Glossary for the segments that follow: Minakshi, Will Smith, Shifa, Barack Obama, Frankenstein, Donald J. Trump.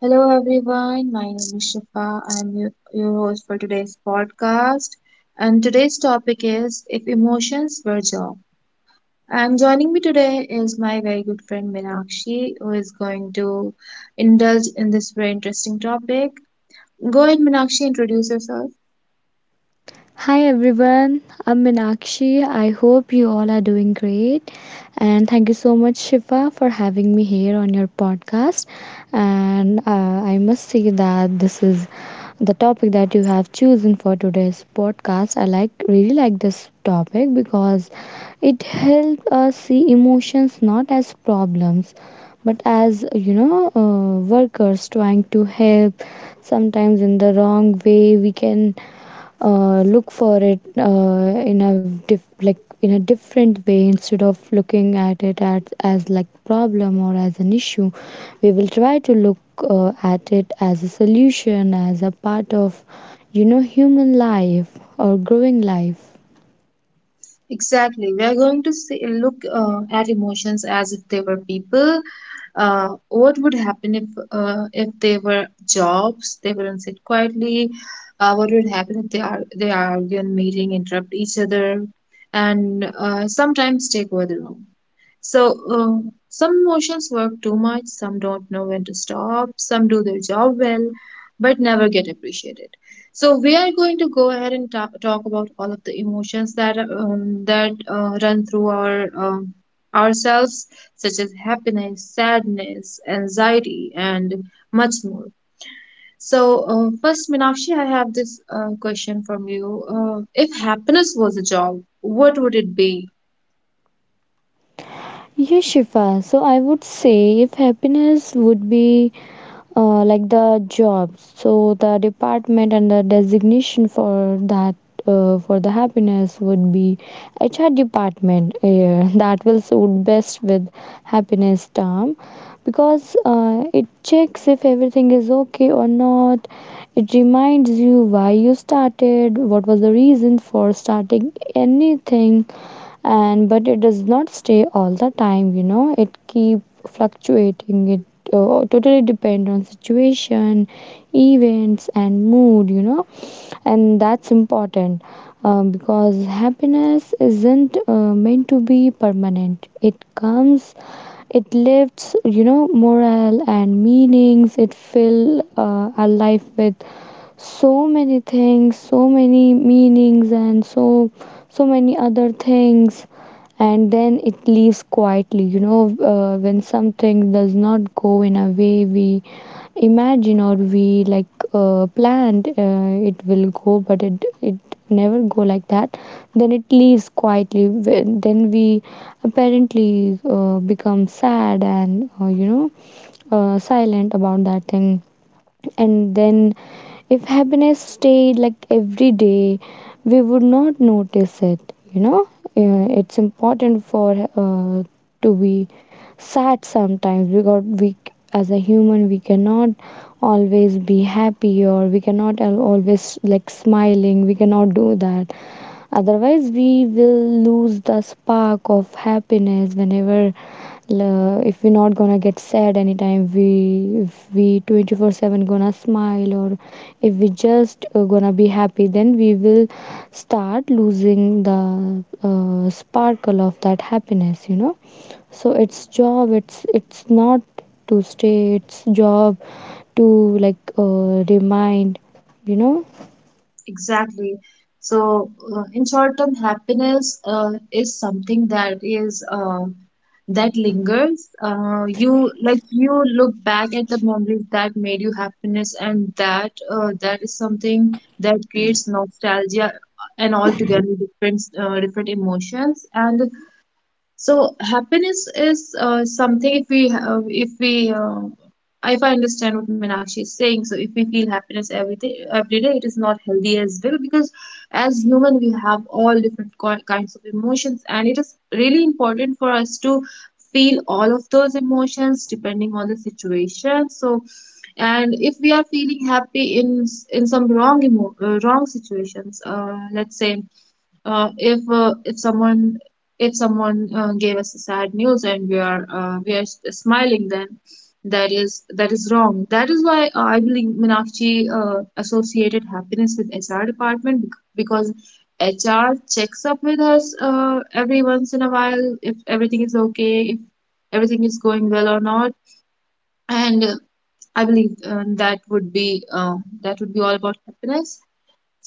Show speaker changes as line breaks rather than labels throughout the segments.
Hello everyone, my name is Shifa. I'm your host for today's podcast. And today's topic is If Emotions Were Job. And joining me today is my very good friend Minakshi, who is going to indulge in this very interesting topic. Go ahead, Minakshi, introduce yourself.
Hi everyone, I'm Minakshi. I hope you all are doing great. And thank you so much, Shifa, for having me here on your podcast. And I must say that this is the topic that you have chosen for today's podcast. I really like this topic because it helps us see emotions not as problems but as workers trying to help sometimes in the wrong way. We can look for it, like in a different way. Instead of looking at it as like problem or as an issue, we will try to look at it as a solution, as a part of, you know, human life or growing life.
Exactly. We are going to see, look at emotions as if they were people. What would happen if if they were jobs? They wouldn't sit quietly. What would happen if they argue in meeting, interrupt each other, and sometimes take over the room? So, some emotions work too much. Some don't know when to stop. Some do their job well, but never get appreciated. So we are going to go ahead and talk about all of the emotions that run through um, ourselves, such as happiness, sadness, anxiety, and much more. So, first, Minakshi, I have this question from you. If happiness was a job, what would it be?
Yes, Shifa. So I would say if happiness would be, like the job, so the department and the designation for that, for the happiness, would be HR department. That will suit best with happiness term because it checks if everything is okay or not. It reminds you why you started, what was the reason for starting anything. And but it does not stay all the time, you know, it keep fluctuating. It totally depend on situation, events and mood, you know. And that's important, because happiness isn't meant to be permanent. It comes, it lifts, you know, morale and meanings. It fill our life with so many things, so many meanings and so many other things, and then it leaves quietly, you know. When something does not go in a way we imagine or we like planned, it will go, but it never go like that. Then it leaves quietly. Then we apparently become sad and, silent about that thing. And then if happiness stayed like every day, we would not notice it, you know. It's important for uh, to be sad sometimes, because we as a human we cannot always be happy, or we cannot always like smiling, we cannot do that. Otherwise, we will lose the spark of happiness. Whenever if we're not gonna get sad anytime, we if we 24/7 gonna smile, or if we just gonna be happy, then we will start losing the sparkle of that happiness, you know. So it's job, it's not to stay. It's job to remind, you know.
Exactly. So, in short term, happiness is something that lingers. You look back at the memories that made you happiness, and that is something that creates nostalgia and altogether different emotions. And so happiness is something if I understand what Meenakshi is saying, so if we feel happiness every day, it is not healthy as well because as human we have all different kinds of emotions, and it is really important for us to feel all of those emotions depending on the situation. So, and if we are feeling happy in some wrong wrong situations, let's say if someone gave us a sad news and we are smiling, then that is wrong. That is why I believe Meenakshi associated happiness with HR department, because HR checks up with us every once in a while if everything is okay, if everything is going well or not. And I believe that would be all about happiness.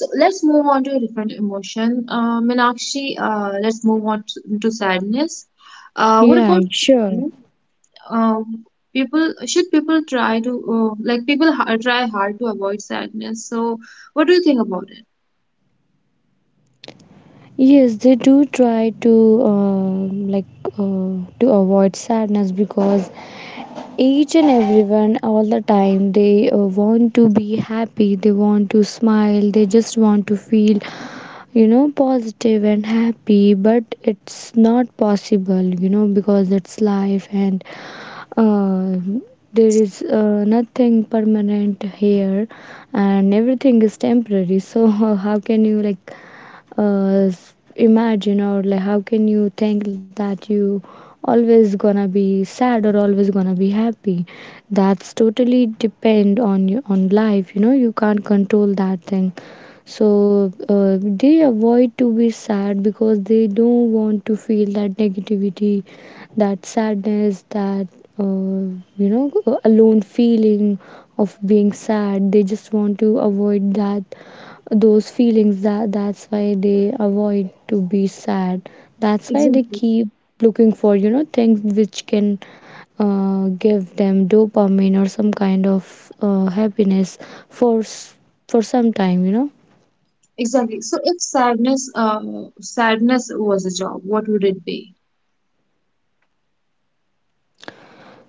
So let's move on to a different emotion. Meenakshi, let's move on to sadness. What
Yeah,
about
sure.
you? um, People? Should people try to, like, people ha try hard to avoid sadness? So what do you think about it?
Yes, they do try to to avoid sadness, because each and everyone all the time they want to be happy, they want to smile, they just want to feel, you know, positive and happy. But it's not possible, you know, because it's life and uh, there is nothing permanent here and everything is temporary. So how can you like imagine, or like how can you think that you always gonna be sad or always gonna be happy? That's totally depend on you, on life, you know. You can't control that thing. So they avoid to be sad because they don't want to feel that negativity, that sadness, that uh, you know alone feeling of being sad. They just want to avoid that, those feelings. That that's why they avoid to be sad. That's why they
Exactly,
keep looking for, you know, things which can give them dopamine or some kind of happiness for for some time, you know.
exactly. So if sadness was a job, what would it be?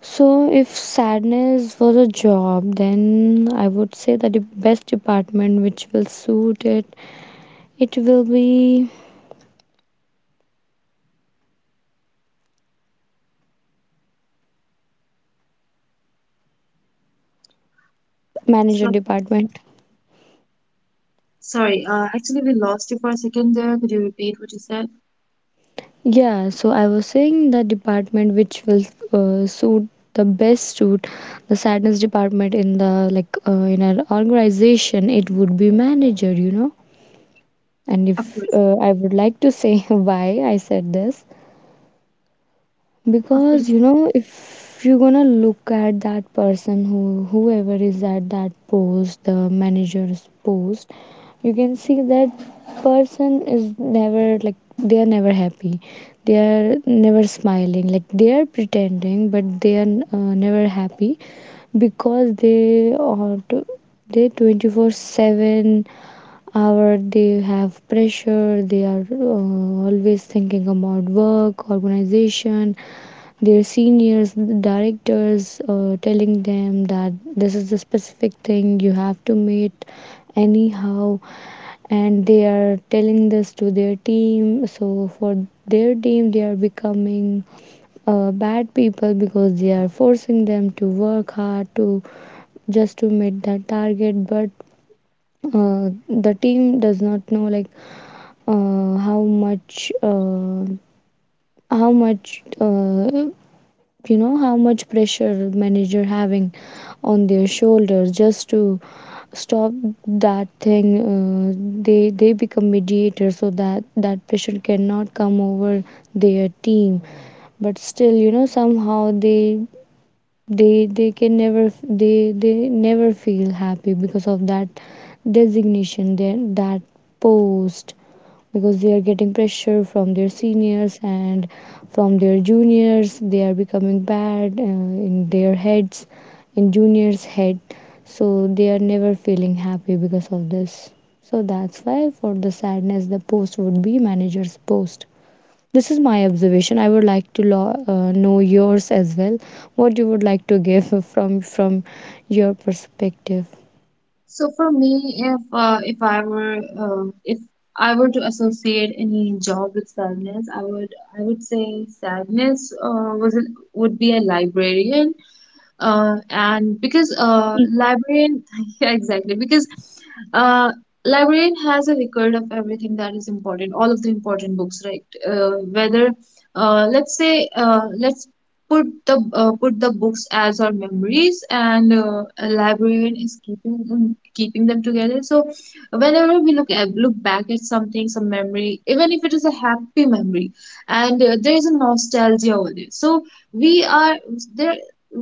So, if sadness was a job, then I would say that the best department which will suit it, it will be manager
So
department.
sorry, actually we lost you for a second there. Could you repeat what you said?
Yeah, so I was saying the department which will suit the best, suit the sadness department in the in an organization, it would be manager, you know. And
Of
if
course,
I would like to say why I said this,
of
because
course.
you know, if you're gonna look at that person who whoever is at that post, the manager's post, you can see that person is never like, they are never happy. They are never smiling. Like they are pretending, but they are never happy, because they 24/7 hour they have pressure. They are always thinking about work, organization, their seniors, the directors telling them that this is the specific thing you have to meet anyhow, and they are telling this to their team. So for their team they are becoming bad people, because they are forcing them to work hard to just to meet that target. But the team does not know like uh, how much uh, how much, how much pressure manager having on their shoulders, just to stop that thing. They become mediator, so that that pressure cannot come over their team. But still, you know, somehow they, they can never they never feel happy, because of that designation, their that post. Because they are getting pressure from their seniors, and from their juniors they are becoming bad in their heads, in juniors head. So they are never feeling happy because of this. So that's why for the sadness the post would be manager's post. This is my observation. I would like to know yours as well. What you would like to give from your perspective.
So for me, if I were to associate any job with sadness, I would say sadness would be a librarian and because librarian yeah, exactly, because uh, librarian has a record of everything that is important, all of the important books, right? Whether let's say let's put the books as our memories, and a librarian is keeping them together, so whenever we look back at something, some memory, even if it is a happy memory, and there is a nostalgia over it, so we are there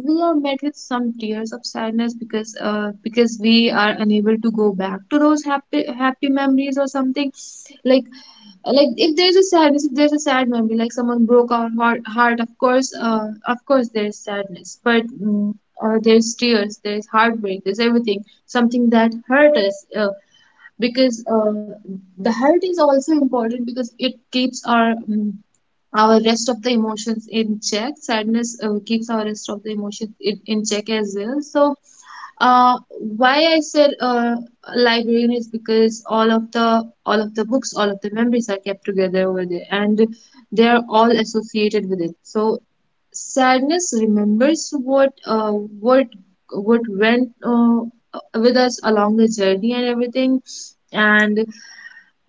we are met with some tears of sadness because we are unable to go back to those happy happy memories or something, like like if there's a sadness, if there's a sad memory, like someone broke our heart. Of course of course there's sadness, but there's tears, there's heartbreak, there's everything, something that hurt us, because the hurt is also important because it keeps our rest of the emotions in check. Sadness keeps our rest of the emotions in check as well. So, uh, why I said librarian is because all of the books, all of the memories are kept together over there, and they are all associated with it. So, sadness remembers what went with us along the journey and everything, and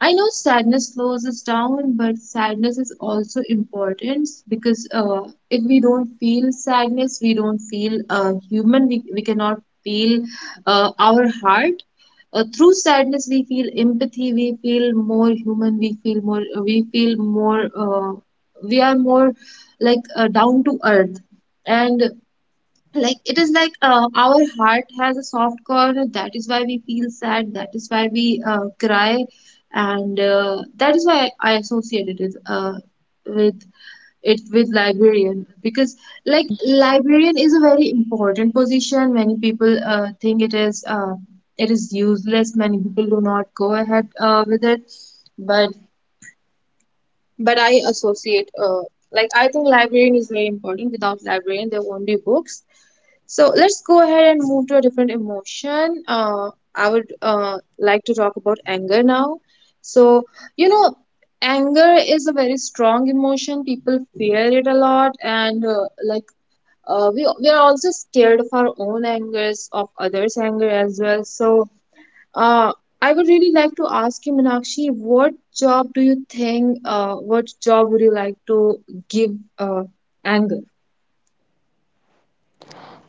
I know sadness slows us down, but sadness is also important because if we don't feel sadness, we don't feel human, we cannot feel our heart. Through sadness, we feel empathy, we feel more human, we feel more, we are more down to earth. And it is like our heart has a soft corner, that is why we feel sad, that is why we cry, and that is why I associate it with with librarian, because librarian is a very important position. Many people think it is useless, many people do not go ahead with it, but I associate, like, I think librarian is very important. Without librarian, there won't be books. So let's go ahead and move to a different emotion. I would like to talk about anger now. So, you know, anger is a very strong emotion. People fear it a lot, and like we are also scared of our own angers, of others' anger as well. So, uh, I would really like to ask you, Meenakshi, what job would you like to give uh, anger?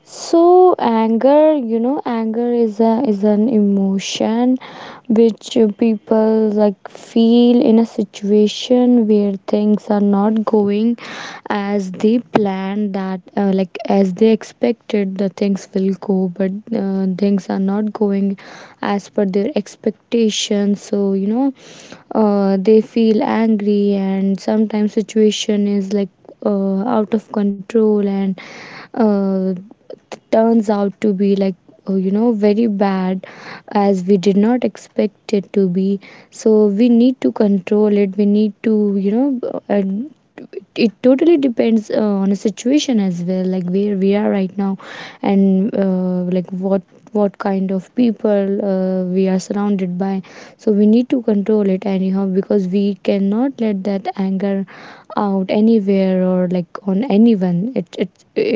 So anger, you know, anger is a is an emotion which people like feel in a situation where things are not going as they planned. That Like, as they expected the things will go, but things are not going as per their expectations. So you know, they feel angry, and sometimes situation is like out of control and uh, turns out to be like you know, very bad, as we did not expect it to be. So we need to control it, we need to, you know, it totally depends on a situation as well, like where we are right now, and like what kind of people we are surrounded by. So we need to control it anyhow, because we cannot let that anger out anywhere or like on anyone. It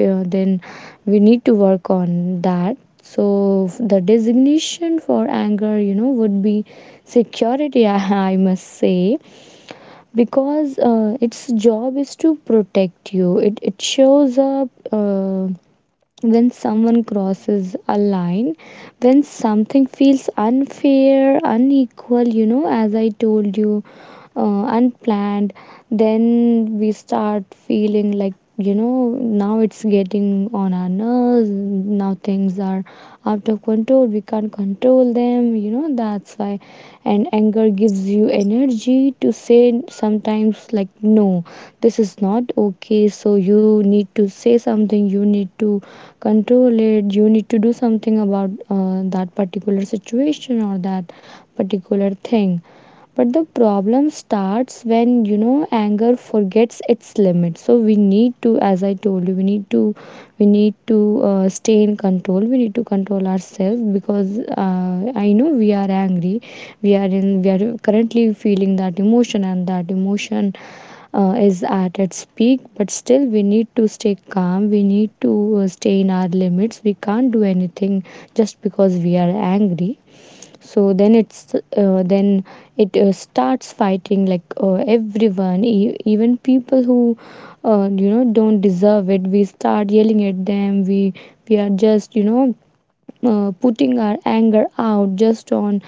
Then we need to work on that. So the designation for anger, you know, would be security. I must say, because its job is to protect you. It shows up when someone crosses a line, when something feels unfair, unequal, you know, as I told you, unplanned. Then we start feeling like, you know, now it's getting on our nerves, now things are out of control, we can't control them, you know. That's why. And anger gives you energy to say sometimes like no, this is not okay. So you need to say something, you need to control it, you need to do something about that particular situation or that particular thing. But the problem starts when, you know, anger forgets its limit. So we need to, as I told you, we need to stay in control. We need to control ourselves, because uh, I know we are angry, we are currently feeling that emotion, and that emotion is at its peak. But still we need to stay calm, we need to stay in our limits. We can't do anything just because we are angry. So then it's then it starts fighting like everyone, even people who don't deserve it. We start yelling at them. We are just, you know, putting our anger out just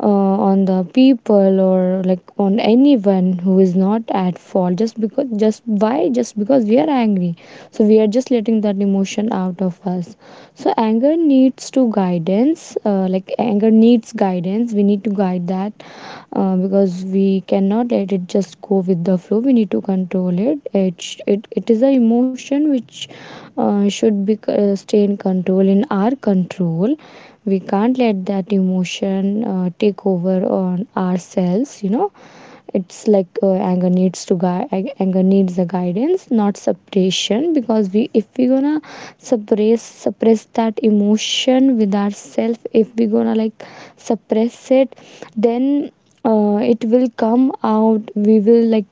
on the people, or like on anyone who is not at fault, just because, just why, just because we are angry. So we are just letting that emotion out of us. So anger needs to guidance, anger needs guidance. We need to guide that, because we cannot let it just go with the flow. We need to control it. It is an emotion which should be stay in control, in our control. We can't let that emotion take over on ourselves, you know. It's like anger needs to guide, anger needs the guidance, not suppression. Because we if we gonna suppress that emotion with ourselves, if we gonna like suppress it, then it will come out. We will like,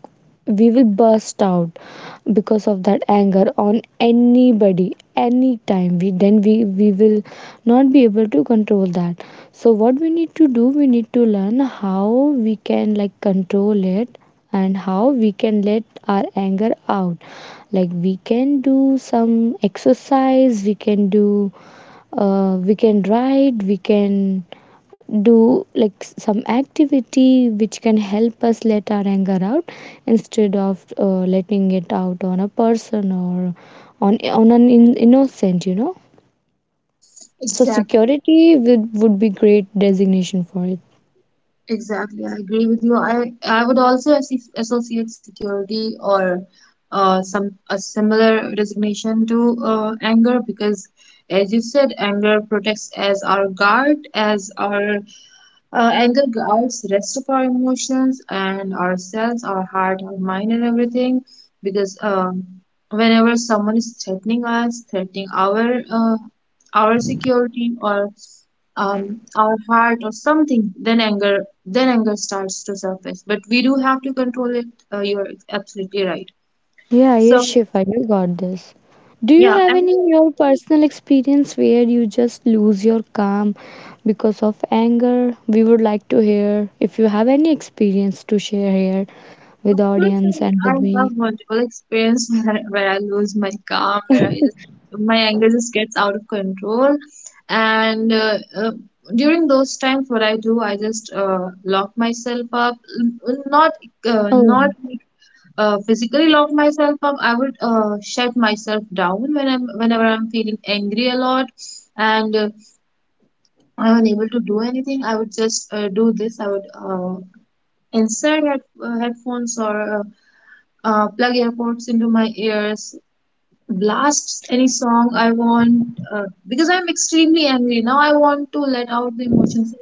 we will burst out because of that anger on anybody anytime. We then we we will not be able to control that. So what we need to do, we need to learn how we can like control it, and how we can let our anger out. Like we can do some exercise, we can do we can write, we can do like some activity which can help us let our anger out, instead of letting it out on a person, or on an innocent, you know. So
Exactly,
Security would be great designation for it.
exactly. I agree with you. I would also associate security or some a similar designation to anger because, as you said, anger protects as our guard, as our anger guards rest of our emotions and ourselves, our heart, our mind, and everything. Because whenever someone is threatening us, threatening our security or our heart or something, then anger starts to surface. But we do have to control it. You're absolutely right.
Yeah, yes,
So
Shifa, you got this. Do you
yeah,
have
anger
any your personal experience where you just lose your calm because of anger? We would like to hear if you have any experience to share here with
Of course,
audience and
I
with me.
have multiple experience where I lose my calm, where I just my anger just gets out of control, and during those times, what I do, I just lock myself up. Not uh,
Oh.
not physically lock myself up. I would shut myself down when I'm whenever I'm feeling angry a lot, and I'm unable to do anything. I would just do this. I would insert headphones or plug earpods into my ears, blast any song I want, because I'm extremely angry now. I want to let out the emotions.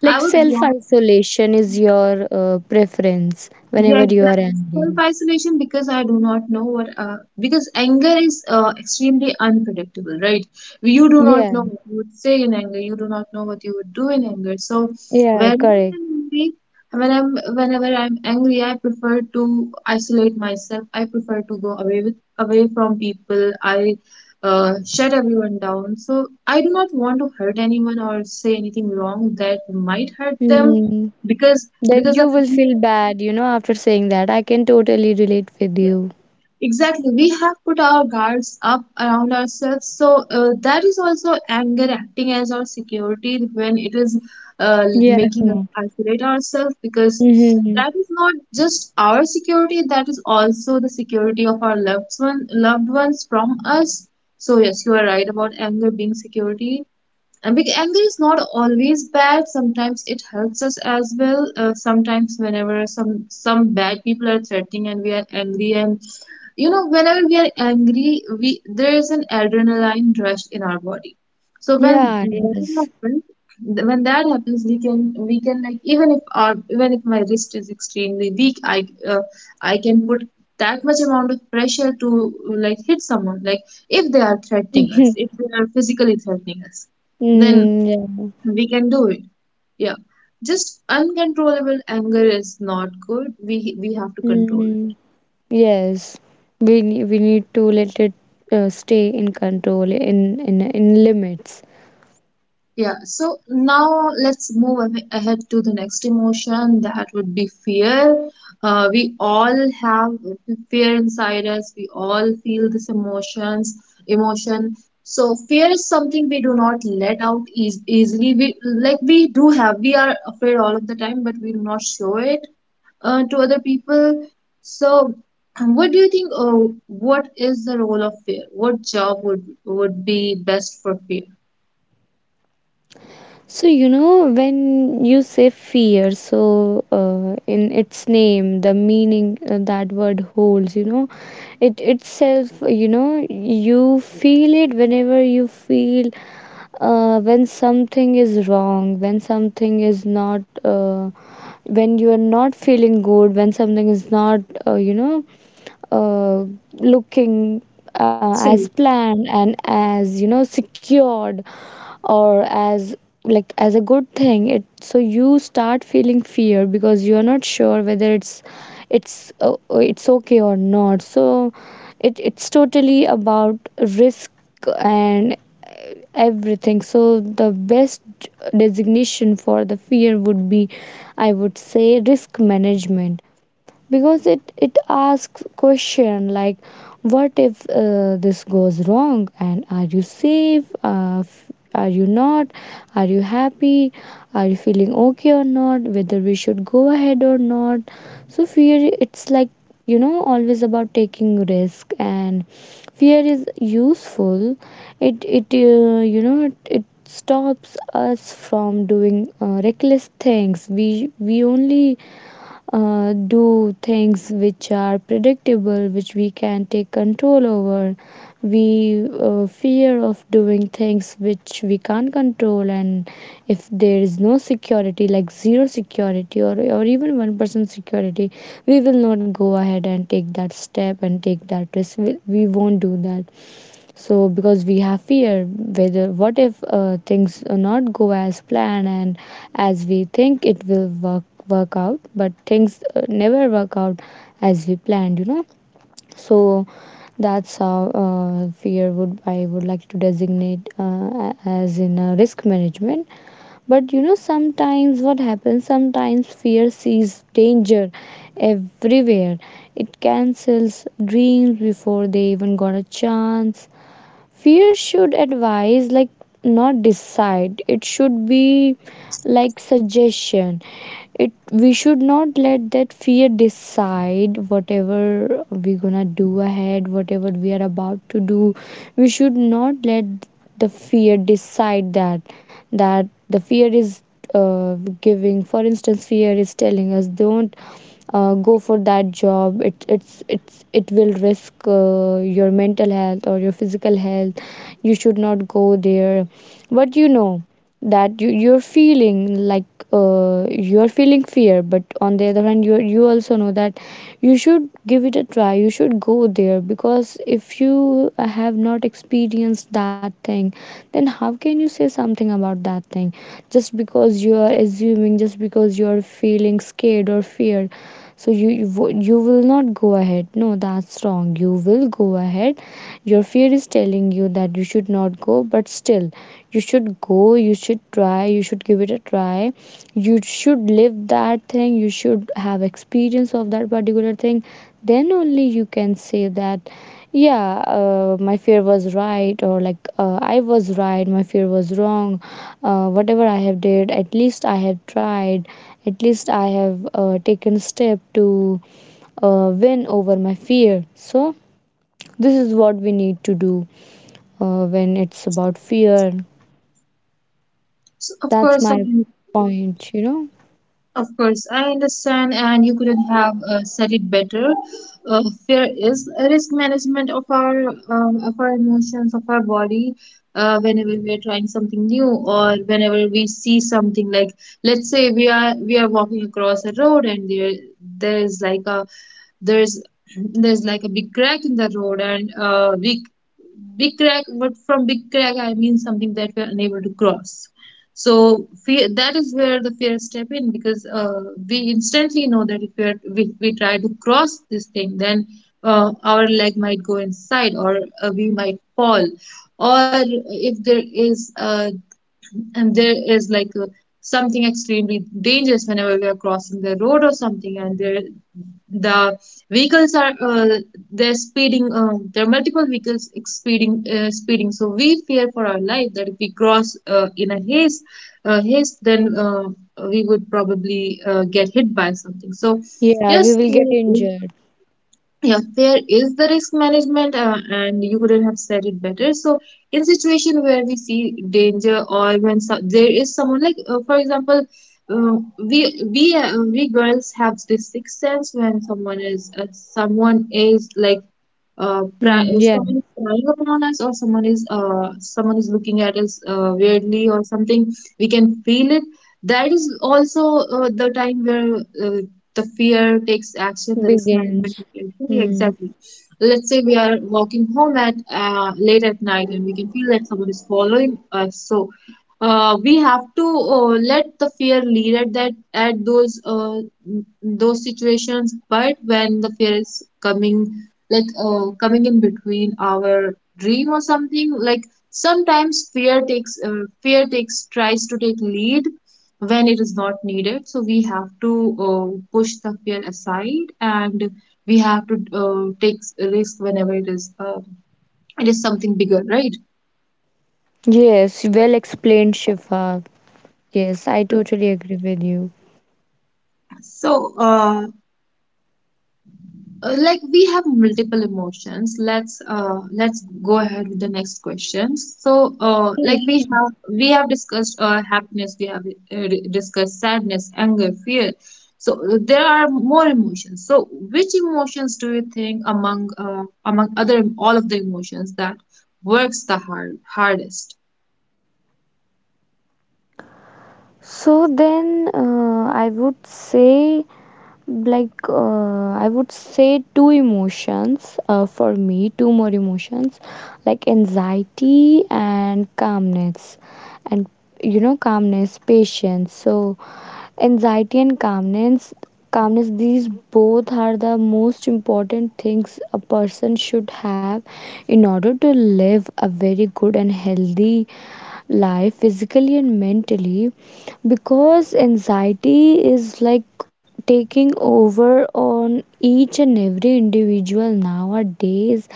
Like
I would
self
blast
isolation is your preference
Yeah,
whenever you are
exactly.
angry.
Self-isolation, because I do not know what, because anger is extremely unpredictable, right? You do not
Yeah,
know what you would say in anger, you do not know what you would do in anger. So
yeah,
when
correct.
I'm angry, whenever I'm angry, I prefer to isolate myself. I prefer to go away with away from people. I shut everyone down. So I do not want to hurt anyone or say anything wrong that might hurt them
Mm. Then
because
you
of
will feel bad, after saying that. I can totally relate with you.
Exactly, we have put our guards up around ourselves, so that is also anger acting as our security when it is
Yeah.
making us isolate ourselves because
Mm-hmm.
that is not just our security, that is also the security of our loved ones from us. So yes, you are right about anger being security. And big anger is not always bad. Sometimes it helps us as well. Sometimes whenever some bad people are threatening and we are angry, and whenever we are angry, we there is an adrenaline rush in our body, so
Yeah,
that
yes.
happens when that happens, we can, like, even if my wrist is extremely weak, uh, I can put that much amount of pressure to, like, hit someone, like if they are threatening us, if they are physically threatening us, then
Mm, yeah.
we can do it. Yeah, just uncontrollable anger is not good, we have to control
Mm, yes. We need to let it stay in control, in limits.
Yeah, so now let's move ahead to the next emotion, that would be fear. We all have fear inside us, we all feel this emotion. So fear is something we do not let out easily. We, do have, we are afraid all of the time, but we do not show it to other people. So what do you think, what is the role of fear? What job would be best for fear?
So, when you say fear, so in its name, the meaning that word holds, it itself, you feel it whenever you feel when something is wrong, when something is not, when you are not feeling good, when something is not, uh, you know, uh, looking as
See.
planned and as, secured, or as like as a good thing. It So you start feeling fear because you are not sure whether it's okay or not. So it's totally about risk and everything. So the best designation for the fear would be, I would say, risk management, because it asks question like, what if this goes wrong, and are you safe, are you not, are you happy, are you feeling okay or not, whether we should go ahead or not? So fear, it's like, always about taking risk. And fear is useful. It You know, it stops us from doing reckless things. We only do things which are predictable, which we can take control over. We fear of doing things which we can't control. And if there is no security, like zero security, or even 1% security, we will not go ahead and take that step and take that risk. We won't do that. So because we have fear, whether what if things not go as planned, and as we think it will work out. But things never work out as we planned, you know. So that's how fear would, I would like to designate as in risk management. But you know sometimes what happens, sometimes fear sees danger everywhere. It cancels dreams before they even got a chance. Fear should advise, like, not decide. It should be like suggestion. It We should not let that fear decide whatever we gonna do ahead, whatever we are about to do. We should not let the fear decide that. The fear is uh, giving, for instance, fear is telling us, don't go for that job. It it's It will risk your mental health or your physical health, you should not go there. But you know that you're feeling like you're feeling fear, but on the other hand, you also know that you should give it a try, you should go there. Because if you have not experienced that thing, then how can you say something about that thing, just because you are assuming, just because you are feeling scared or fear. So you you will not go ahead? No, that's wrong, you will go ahead. Your fear is telling you that you should not go, but still you should go, you should try, you should give it a try, you should live that thing, you should have experience of that particular thing. Then only you can say that, yeah, my fear was right, or like, I was right, my fear was wrong. Whatever I have did, at least I have tried, at least I have taken step to win over my fear. So this is what we need to do when it's about fear.
So, of
That's
course, I
my
mean,
point, you know?
of course, I understand, and you couldn't have said it better. Fear is a risk management of our emotions, of our body. Whenever we are trying something new, or whenever we see something, like, let's say we are walking across a road and there is like a there's there's like a big crack in the road, and big crack, but from big crack I mean something that we're unable to cross. So fear, that is where the fear step in, because we instantly know that if we, are, we try to cross this thing, then our leg might go inside, or we might fall. Or if there is, and there is like something extremely dangerous whenever we are crossing the road or something, and there the vehicles are, they're speeding, there are multiple vehicles speeding, speeding, so we fear for our life that if we cross in a haste, haste, then we would probably get hit by something. So
Yeah, we
yes.
will get injured.
Yeah, there is the risk management, and you couldn't have said it better. So in situation where we see danger, or when there is someone, like for example, uh, we we girls have this sixth sense, when someone is like,
Hmm, yeah,
someone is prying upon us, or someone is looking at us weirdly or something. We can feel it. That is also the time where, uh, the fear takes action, the risk management
begins.
takes action. Yeah,
Hmm.
exactly. Let's say we are walking home at, late at night, and we can feel that someone is following us. So, we have to, let the fear lead at those situations. But when the fear is coming, coming in between our dream or something, like, sometimes fear takes tries to take lead when it is not needed. So we have to, push the fear aside, and we have to, take risk whenever it is, it is something bigger, right?
Yes, well explained, Shifa. Yes, I totally agree with you.
So, like, we have multiple emotions. Let's go ahead with the next question. So, like,
Yes.
we have discussed, happiness, we have discussed sadness, anger, fear. So, there are more emotions. So which emotions do you think, among other, all of the emotions, that works the hard hardest?
So then I would say, like, I would say two emotions for me, two more emotions, like anxiety and calmness. And you know, calmness, patience. So anxiety and calmness, calmness, these both are the most important things a person should have in order to live a very good and healthy life, physically and mentally. Because anxiety is like taking over on each and every individual nowadays.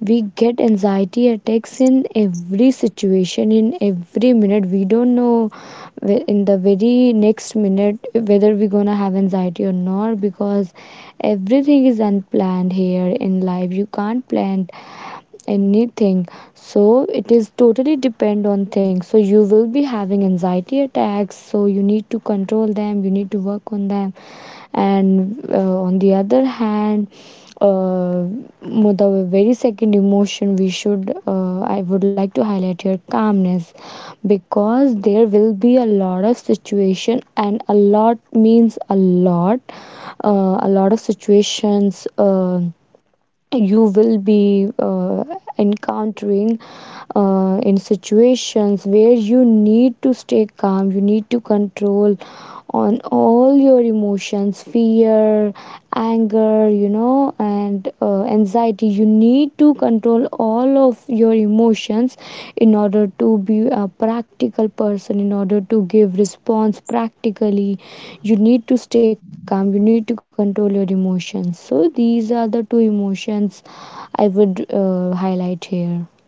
We get anxiety attacks in every situation, in every minute. We don't know, in the very next minute, whether we're gonna have anxiety or not, because everything is unplanned here in life. You can't plan anything. So it is totally depend on things, so you will be having anxiety attacks, so you need to control them, you need to work on them. And on the other hand, uh, the very second emotion we should, I would like to highlight here, calmness. Because there will be a lot of situation, and a lot means a lot, a lot of situations, you will be encountering, in situations where you need to stay calm, you need to control on all your emotions: fear, anger, you know, and anxiety. You need to control all of your emotions in order to be a practical person, in order to give response practically. You need to stay calm, you need to control your emotions. So these are the two emotions I would highlight here.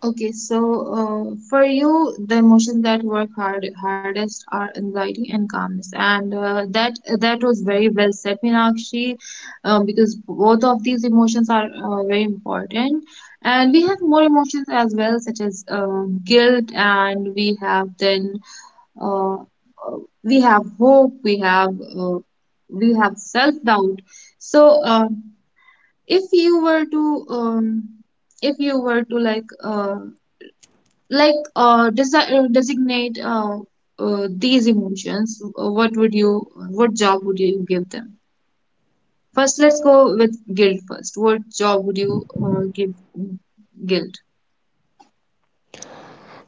Okay, so, for you, the emotions that work hardest are anxiety and calmness, and that was very well said, Meenakshi, because both of these emotions are very important, and we have more emotions as well, such as, guilt, and we have then, we have hope, uh, we have self-doubt. So, if you were to, like, designate, these emotions, what job would you give them? First, let's go with guilt first. What job would you give guilt?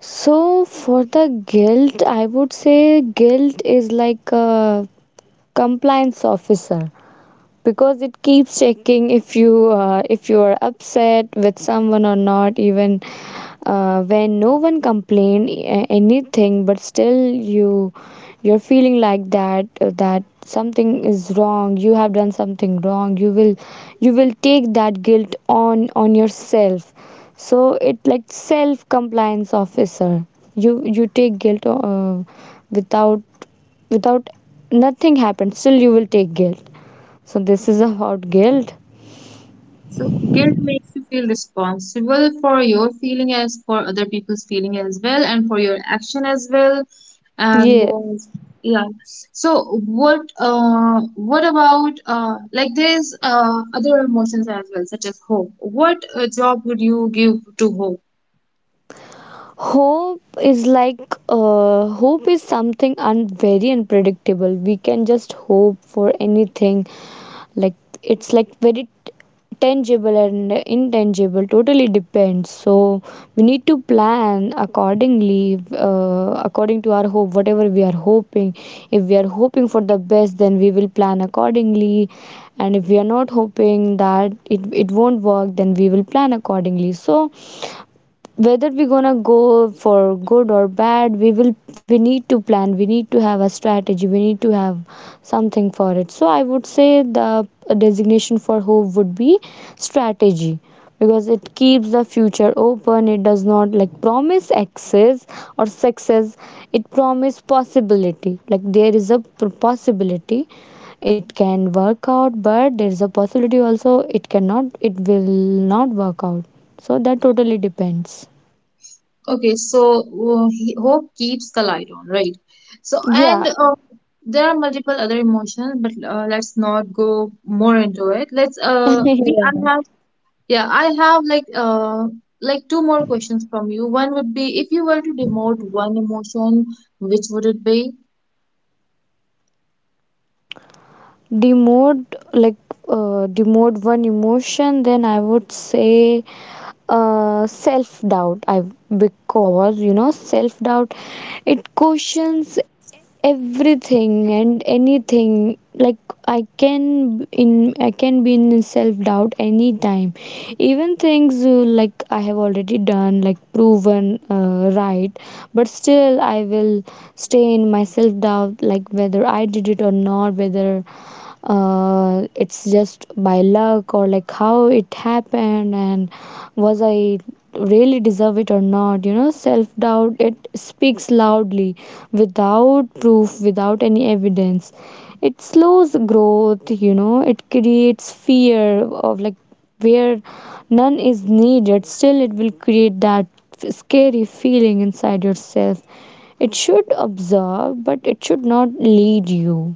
So for the guilt, I would say guilt is like a compliance officer, because it keeps checking if you are upset with someone or not. Even when no one complained anything, but still you you're feeling like that, that something is wrong, you have done something wrong. You will take that guilt on yourself. So it like self compliance officer. You take guilt without, without, nothing happens, still you will take guilt. So this is about guilt.
So guilt makes you feel responsible for your feeling, as for other people's feeling as well, and for your action as well. And
Yeah,
yeah. So what about, like, there's other emotions as well, such as hope. What job would you give to hope?
hope is like, hope is something very unpredictable. We can just hope for anything. Like, it's like very tangible and intangible, totally depends. So we need to plan accordingly, according to our hope, whatever we are hoping. If we are hoping for the best, then we will plan accordingly. And if we are not hoping, that it won't work, then we will plan accordingly. So whether we're gonna go for good or bad, we need to plan, we need to have a strategy, we need to have something for it. So I would say the designation for hope would be strategy, because it keeps the future open. It does not like promise access, or success. It promise possibility, like there is a possibility it can work out, but there is a possibility also it cannot, it will not work out. So that totally depends.
Okay, so, hope keeps the light on, right? So,
Yeah.
and there are multiple other emotions, but let's not go more into it. Let's we I
Yeah.
have... Yeah, I have, like, two more questions from you. One would be, if you were to demote one emotion, which would it be?
Demote, like, demote one emotion, then I would say self doubt. I Because you know self doubt, it questions everything and anything. Like, I can be in self doubt anytime. Even things, like I have already done, like proven right, but still I will stay in my self doubt, like whether I did it or not, whether it's just by luck, or like how it happened, and was I really deserve it or not. You know, self doubt, it speaks loudly without proof, without any evidence. It slows growth, you know, it creates fear of, like, where none is needed, still it will create that scary feeling inside yourself. It should observe, but it should not lead you.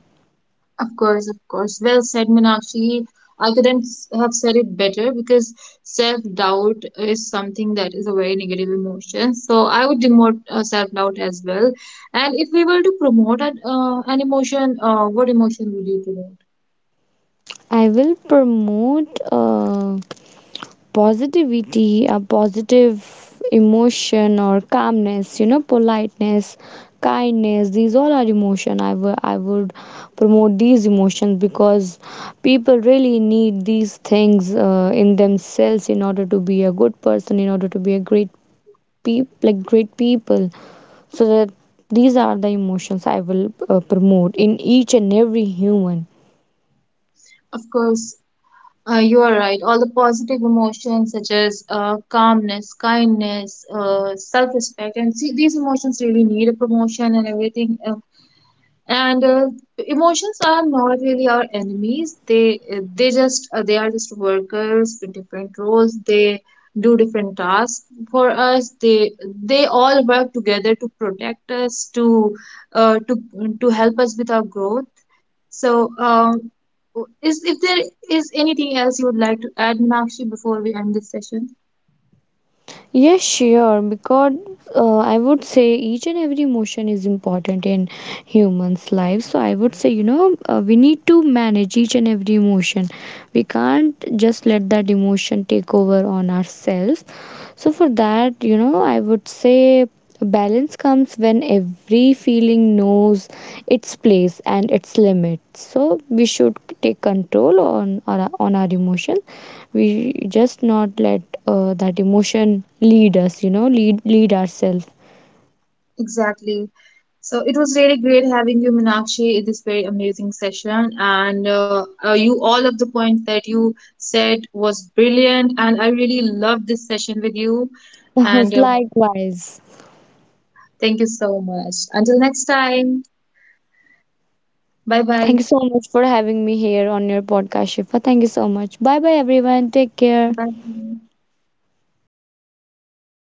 Of course, of course. Well said, Meenakshi. I couldn't have said it better, because self-doubt is something that is a very negative emotion. So I would demote self-doubt as well. And if we were to promote an emotion, what emotion would you promote?
I will promote positivity, a positive emotion, or calmness, you know, politeness, kindness. These all are emotion. I would promote these emotions because people really need these things in themselves, in order to be a good person, in order to be a great like great people. So that, these are the emotions I will promote in each and every human.
Of course. You are right. All the positive emotions, such as calmness, kindness, self-respect, and see, these emotions really need a promotion and everything. And Emotions are not really our enemies. They are just workers with different roles. They do different tasks for us. They all work together to protect us, to uh, to help us with our growth. So, is, if there is anything else you would like to add, Meenakshi, before we end this session?
Yes, sure, because I would say each and every emotion is important in humans' lives. So I would say, you know, we need to manage each and every emotion. We can't just let that emotion take over on ourselves. So for that, you know, I would say balance comes when every feeling knows its place and its limits. So we should take control on our emotion. We just not let that emotion lead us. You know, lead ourselves.
Exactly. So it was really great having you, Meenakshi, in this very amazing session. And all of the points that you said was brilliant. And I really loved this session with you. And
Likewise.
thank you so much. Until next time, bye
Thank
bye.
you so much for having me here on your podcast, Shifa. Thank you so much. Bye bye, everyone. Take care.
Bye.